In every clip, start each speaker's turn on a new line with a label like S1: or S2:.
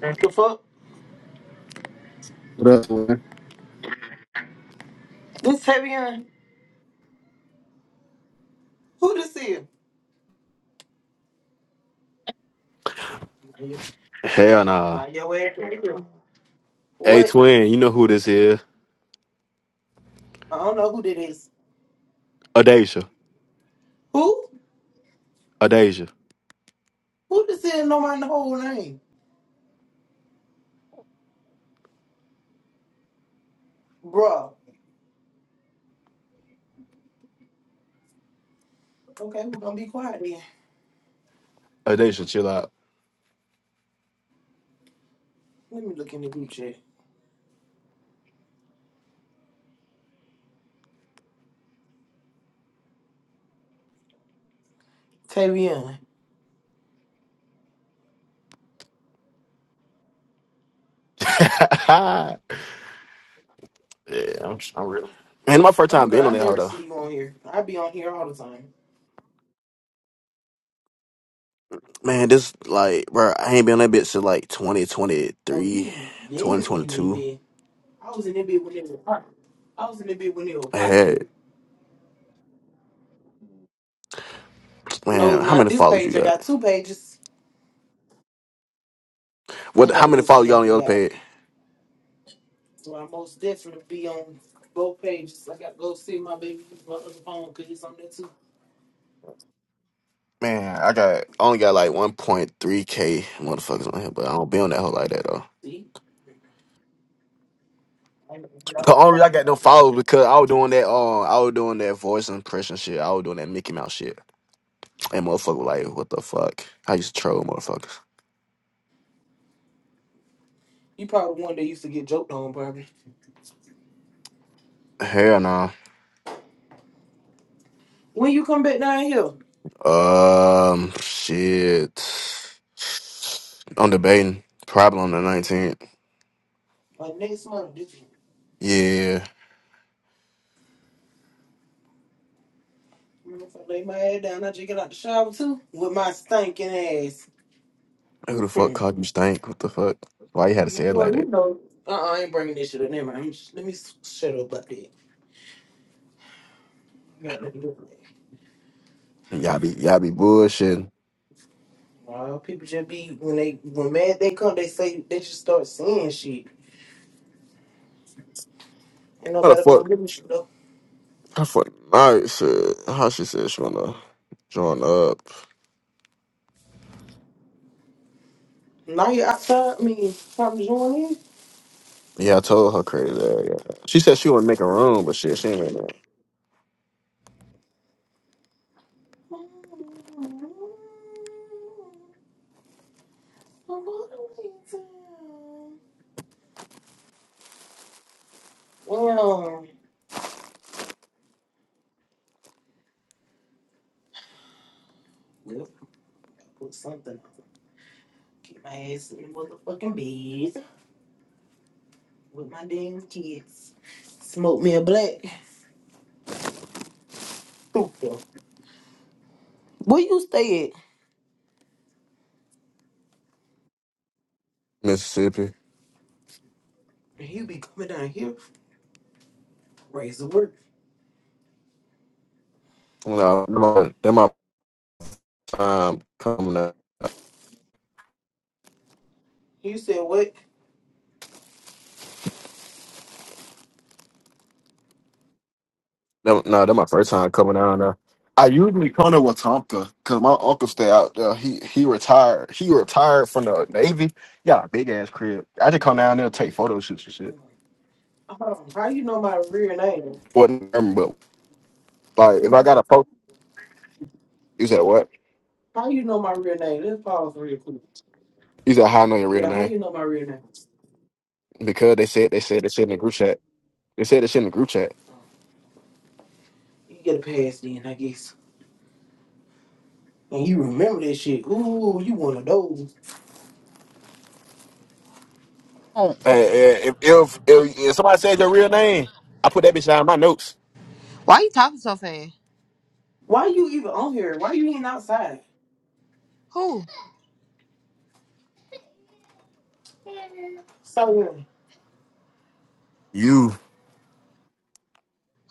S1: The fuck?
S2: What up, man?
S1: This Tavion? Who this is?
S2: Hell nah.
S1: Not your ass right here.
S2: Hey
S1: What?
S2: twin, you know who this is?
S1: I don't know who that is.
S2: Adasia.
S1: Who?
S2: Adasia.
S1: Who this is? Know my whole name, Bruh. Okay, we're gonna be quiet then.
S2: Adasia, chill out.
S1: Let me look in the group chat. Tavion.
S2: yeah, I'm, I'm real. Man, my first
S1: Oh
S2: time being
S1: god,
S2: on
S1: I
S2: that hoe
S1: never
S2: though.
S1: see you on here. I be on here all the time.
S2: Man, this like, bro, I ain't been on that bitch since like twenty twenty
S1: Oh,
S2: three,
S1: you been
S2: twenty twenty
S1: in it,
S2: two.
S1: bit. I was in it bit when it was popping. I was in it bit when it
S2: 2022.
S1: was
S2: I
S1: popping.
S2: had,
S1: No,
S2: man, how
S1: not
S2: many
S1: this
S2: followers you
S1: page. I
S2: got?
S1: got two pages. I
S2: What? How
S1: gotta
S2: many
S1: go
S2: followers you
S1: see. I
S2: got on your other
S1: forgot.
S2: page?
S1: So I most definitely be on both pages. I gotta go see my baby my other phone because he's on there too.
S2: Man, I got, I only got like 1.3k motherfuckers on here, but I don't be on that hoe like that though.
S1: See? I ain't gonna get
S2: The
S1: off that
S2: only
S1: other
S2: reason I
S1: one
S2: got them
S1: right there.
S2: followers because I was doing that um I was doing that voice impression shit. I was doing that Mickey Mouse shit. And motherfucker was like, what the fuck? I used to troll motherfuckers.
S1: You probably one that used to get joked on, probably.
S2: Hell no.
S1: When you come back down here?
S2: Um shit. I'm debating. Probably on the nineteenth.
S1: Like next month, did you?
S2: Yeah.
S1: Mm, If I lay my head down, I just get out the shower too with my stinking ass.
S2: Who the fuck
S1: Hmm.
S2: called you stank? What the fuck? Why you had to say it
S1: Well,
S2: like
S1: you
S2: that?
S1: know. Uh, uh I ain't bringing this shit up. Never mind. I'm just- Let me s- shut up about that. Got nothing to do with that.
S2: Y'all be y'all be bullshitting.
S1: Well, people just be when they when mad they come, they say they just start saying shit. Ain't
S2: How the
S1: nobody gonna
S2: fuck
S1: believe you though.
S2: how the fuck all right shit. How she said she wanna join up.
S1: Now you outside, I mean, time to join in.
S2: Yeah, I told her crazy. ass, Yeah. She said she wouldn't make a room, but shit, she ain't making a room.
S1: Well, yep, put something. Keep my ass in the motherfucking bed with my damn kids. Smoke me a black. Stupid. Where you stay at?
S2: Mississippi.
S1: you be coming down here, raise the work.
S2: No, that my, that my time coming up.
S1: You said what?
S2: No, no, that my first time coming out now. I usually come to Watonka because my uncle stay out there. He he retired. He retired from the Navy. Yeah, big ass crib. I just come down there and take photo shoots and shit.
S1: Um, how you know my real name?
S2: What but like if I got a photo, you said what?
S1: How you know my real name? Let's pause real quick.
S2: You said how I know your real
S1: Yeah, how do
S2: name
S1: you know my real name?
S2: because they said they said they said in the group chat. They said this shit in the group chat.
S1: You get a pass then, I guess. And you remember that shit. Ooh, you one of those.
S3: Oh,
S2: Uh, uh, if, if if if somebody says your real name, I put that bitch down in my notes.
S3: why you talking so fast?
S1: Why you even on here? Why you even outside?
S3: Who?
S1: So early?
S2: You,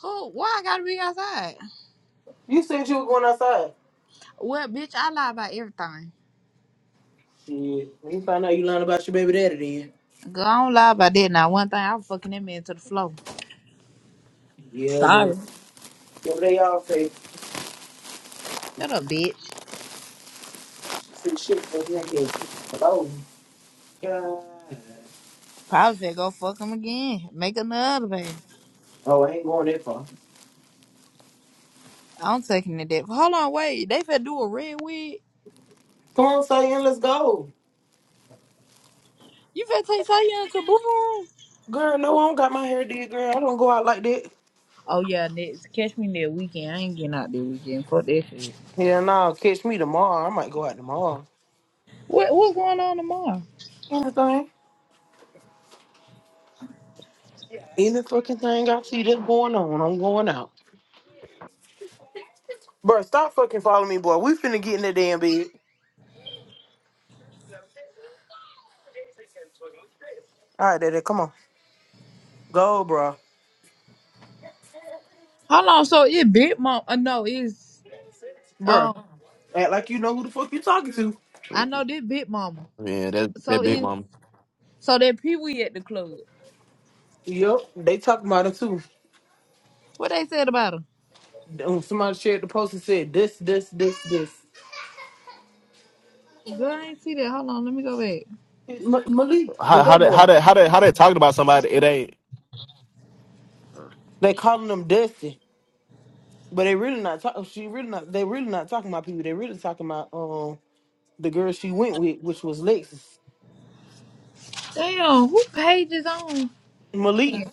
S3: Who? Why I gotta be outside?
S1: You said you were going outside.
S3: Well, bitch, I lie about everything.
S1: Shit. When you find out you learned about your baby daddy then.
S3: Girl, I don't lie about that. Now, one thing, I was fucking that man to the floor.
S1: Yeah, yeah.
S3: Sorry.
S1: Yeah, but they all say
S3: Shut up, bitch.
S1: some shit for me. I guess. Oh, God.
S3: Probably said go fuck him again. Make another baby.
S1: Oh, I ain't going that far.
S3: I'm taking it that. Hold on, wait. They finna do a red wig.
S1: Come on, say let's go.
S3: You finna take Tanya to boo room?
S1: Girl, no, I don't got my hair did, girl. I don't go out like that.
S3: Oh yeah, next. Catch me that weekend. I ain't getting out that weekend. Fuck that shit.
S1: Yeah, nah. catch me tomorrow. I might go out tomorrow.
S3: What what's going on tomorrow?
S1: Anything? Any fucking thing I see that's going on, I'm going out. Bruh, stop fucking following me, boy. We finna get in the damn bed. All right, daddy, come on. Go, bruh.
S3: Hold on. So it big mom. Uh, no, it's
S1: Bruh,
S3: um.
S1: act like you know who the fuck you talking to.
S3: I know this big mama.
S2: yeah, that
S3: So
S2: that big
S3: is
S2: mom.
S3: so that Pee Wee at the club.
S1: Yep, they talking about it too.
S3: What they said about him?
S1: Um, Somebody shared the post and said this, this, this, this.
S3: Girl, I ain't see that. Hold on, let me go back.
S1: Ma- Malik, the
S2: How how
S1: gay
S2: that how
S1: boy.
S2: that how that how that talking about somebody? It ain't
S1: They calling him Dusty, but they really not talking. She really not. They really not talking about people. They really talking about um the girl she went with, which was Lexus.
S3: Damn, who page is on?
S1: Malik,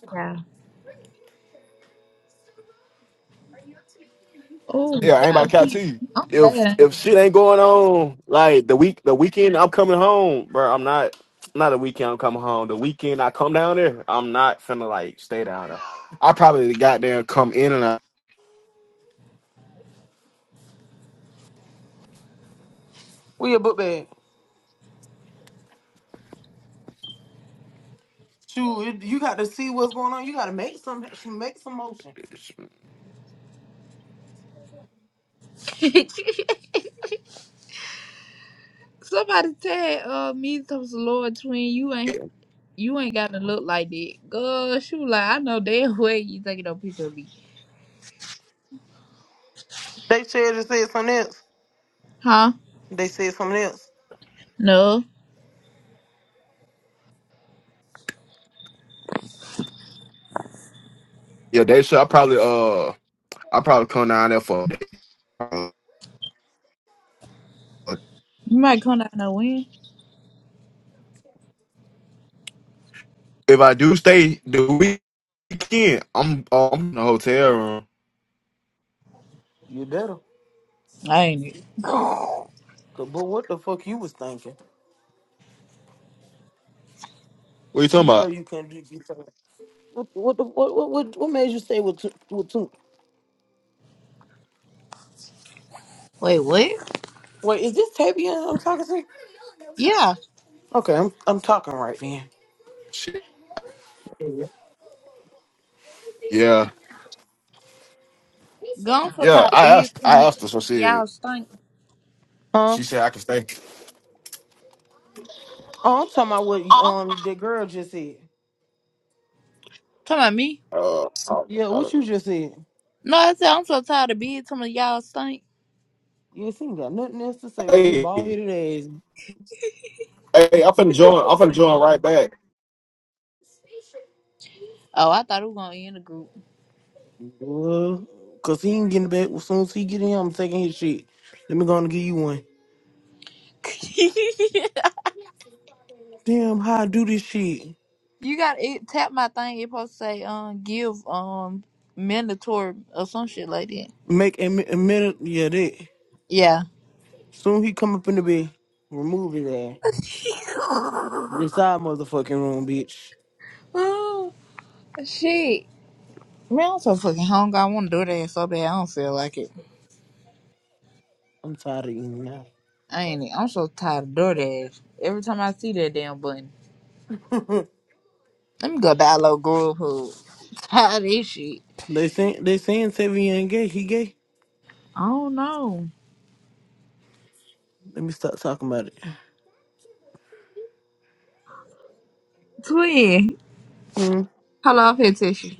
S3: Oh,
S2: yeah, I ain't about
S3: yeah,
S2: to count
S3: see,
S2: to you.
S3: I'm glad
S2: If
S3: I
S2: if shit ain't going on, like the week the weekend I'm coming home, bro. I'm not not the weekend I'm coming home. The weekend I come down there, I'm not finna like stay down there. I probably got there and come in and I
S1: where your book bag? Shoot, you got to see what's going on. You got to make some make some motion.
S3: ain't go. Somebody tag uh me to Lord twin. You
S2: yeah,
S3: ain't you ain't gotta look like that. Girl, she was like, I know damn way you taking no picture of me.
S1: They said it said something else.
S3: Huh?
S1: They said something else.
S3: No.
S2: yeah, they should. I probably uh I probably come down there for a day.
S3: You might come down and win.
S2: If I do stay the weekend, I'm oh, I'm in a hotel room.
S1: You better.
S3: I ain't it.
S1: 'Cause, But what the fuck you was thinking?
S2: What you
S1: You,
S2: talking
S1: you know
S2: about?
S1: you can't do these things. What what the- what what what what made you stay with two, with two?
S3: Wait, what?
S1: Wait, is this Tavian I'm talking to?
S3: Yeah.
S1: Okay, I'm I'm talking right then.
S2: Shit. Yeah,
S3: Gone so
S2: yeah.
S3: tired of
S2: I
S3: bees
S2: asked I
S3: coming
S2: asked her, so
S3: in.
S2: she said-
S3: Y'all stink.
S1: Huh?
S2: she said I can stay.
S1: Oh, I'm talking about what um the girl just said.
S3: Talking about me.
S2: Uh, I, don't,
S1: Yeah,
S2: I
S1: what
S2: don't,
S1: you just said.
S3: No, I said I'm so tired of being some of y'all stink.
S1: Yes, he ain't got nothing else to say with his
S2: hey,
S1: bald headed ass.
S2: hey, I'm finna join. I'm finna join right back.
S3: Oh, I thought we were gonna end the group.
S1: Well, cause he ain't getting back. As soon as he get in, I'm taking his shit. Let me go and give you one. Damn, how I do this shit?
S3: you got it tap my thing, it supposed to say um give um mandatory or some shit like that.
S1: Make a, mi- a minute, yeah, that.
S3: Yeah.
S1: Soon he come up in the bed, remove his ass. This our motherfucking room, bitch.
S3: Oh, shit. Man, I'm so fucking hungry. I want DoorDash so bad. I don't feel like it.
S1: I'm tired of eating now.
S3: I ain't. e- I'm so tired of DoorDash. Every time I see that damn button,
S1: Hmm.
S3: let me go download Grubhub. Tired of this shit.
S1: they saying they saying Tevin ain't gay. He gay.
S3: I don't know.
S1: Let me stop talking about it.
S3: Twin,
S1: Mm.
S3: hello, I'll text you.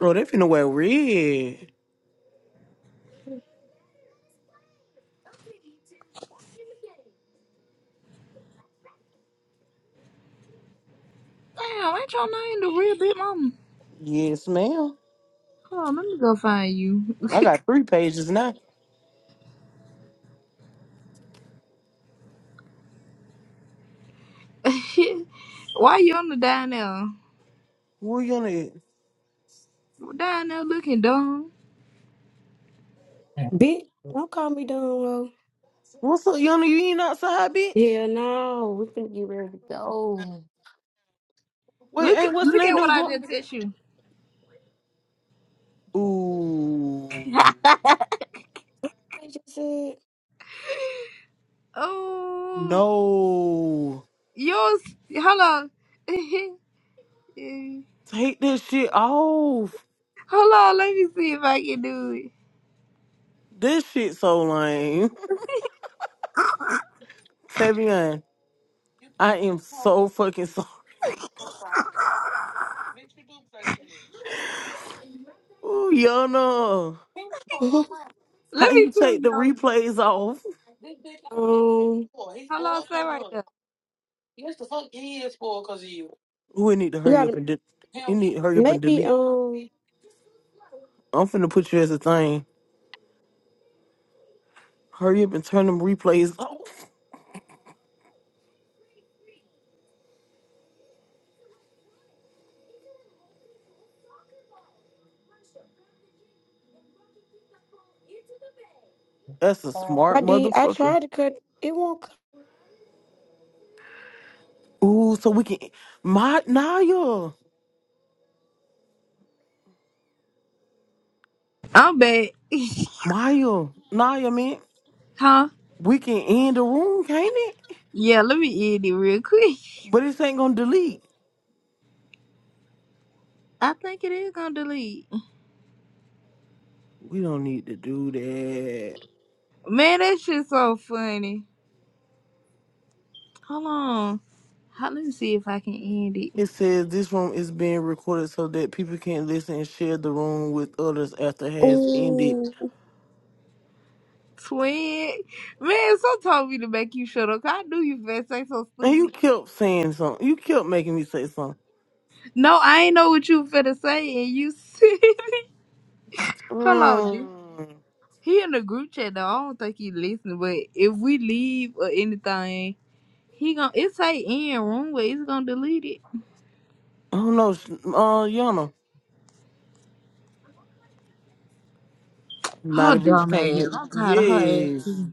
S1: Oh, they finna wear red.
S3: Damn, ain't your name the real big mama?
S1: Yes, ma'am.
S3: Hold on, let me go find you.
S1: I got three pages now.
S3: Why you on the down there?
S1: Where Yona at?
S3: Down there looking dumb.
S4: Bitch, don't call me dumb, ho.
S1: What's up, Yona? You ain't outside, bitch?
S4: Yeah, no, we finna get ready to go.
S1: Wait,
S3: Look
S1: ain't what's
S3: look
S1: name
S3: at what
S1: them
S3: I
S1: go?
S3: just text you.
S1: Ooh,
S4: I just said.
S3: Oh
S1: no!
S3: yours hello.
S1: Take this shit off.
S3: Hold on. let me see if I can do it.
S1: This shit so lame. Tavian, I am so fucking sorry. Ooh, Yana,
S4: Mhm.
S3: Let
S1: how
S3: me
S1: you
S3: tell
S1: take the
S3: y'all.
S1: replays off?
S4: Um,
S3: Hello, say right there.
S1: Ooh, it need to
S4: you
S1: hurry up
S4: gotta
S1: and de- it need to hurry up and
S4: make me.
S1: delete.
S4: Um,
S1: I'm finna put you as a thing. Hurry up and turn them replays off. That's a smart
S4: I did. I
S1: motherfucker.
S4: tried to cut. It won't.
S1: Ooh, so we can my Naya,
S3: I'm back.
S1: Maya, Naya, man.
S3: Huh?
S1: We can end the room, can't it?
S3: Yeah, let me end it real quick.
S1: But this ain't gonna delete.
S3: I think it is gonna delete.
S1: We don't need to do that.
S3: Man, that shit's so funny. Hold on. How, let me see if I can end it.
S1: It says this room is being recorded so that people can listen and share the room with others after it has ended.
S3: Ooh. Twin. Man, so told me to make you shut up. 'cause I knew you finna say so
S1: And you
S3: stupid.
S1: kept saying something. You kept making me say something.
S3: No, I ain't know what you finna say, and you see. Hold on, dude.
S1: Mm,
S3: He in the group chat though. I don't think he listening, but if we leave or anything, he gon' it say in room where he's gonna delete it.
S1: I don't know. sh- Uh, Yana.
S3: Her
S1: Not a bitch
S3: dumb
S1: can't
S3: ass.
S1: hear.
S3: I'm tired of her ass
S1: Yes.
S3: too.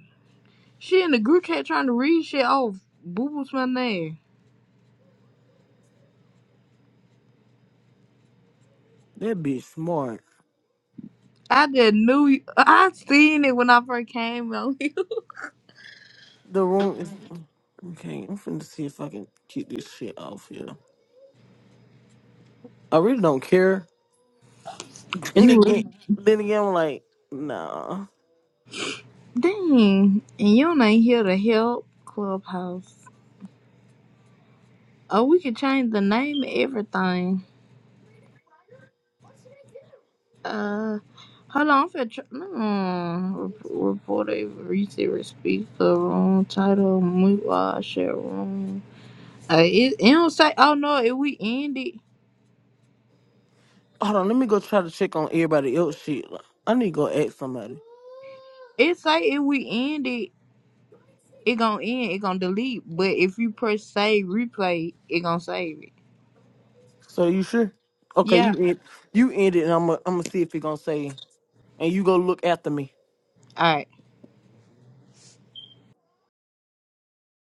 S3: She in the group chat trying to read shit. Oh, boo boo's my name.
S1: That bitch smart.
S3: I just knew you. I seen it when I first came on here.
S1: The room is. Okay, I'm finna see if I can keep this shit off here. I really don't care And
S3: You was-
S1: again, then again, I'm like, nah.
S3: Dang, and you ain't here to help Clubhouse. Oh, we could change the name and everything. Uh, hold on, I'm finna tr- mm, rep- report a recent speaker room title. We uh, share room. Uh, it, it don't say. Oh no, if we end it,
S1: Hold on, let me go try to check on everybody else shit. Like, I need to go ask somebody.
S3: it say if we end it, it gonna end. It gonna delete. But if you press save replay, it gonna save it.
S1: So you sure? Okay,
S3: Yeah.
S1: you end, you end it, and I'm gonna I'm see if he gonna say, and you go look after me.
S3: All right.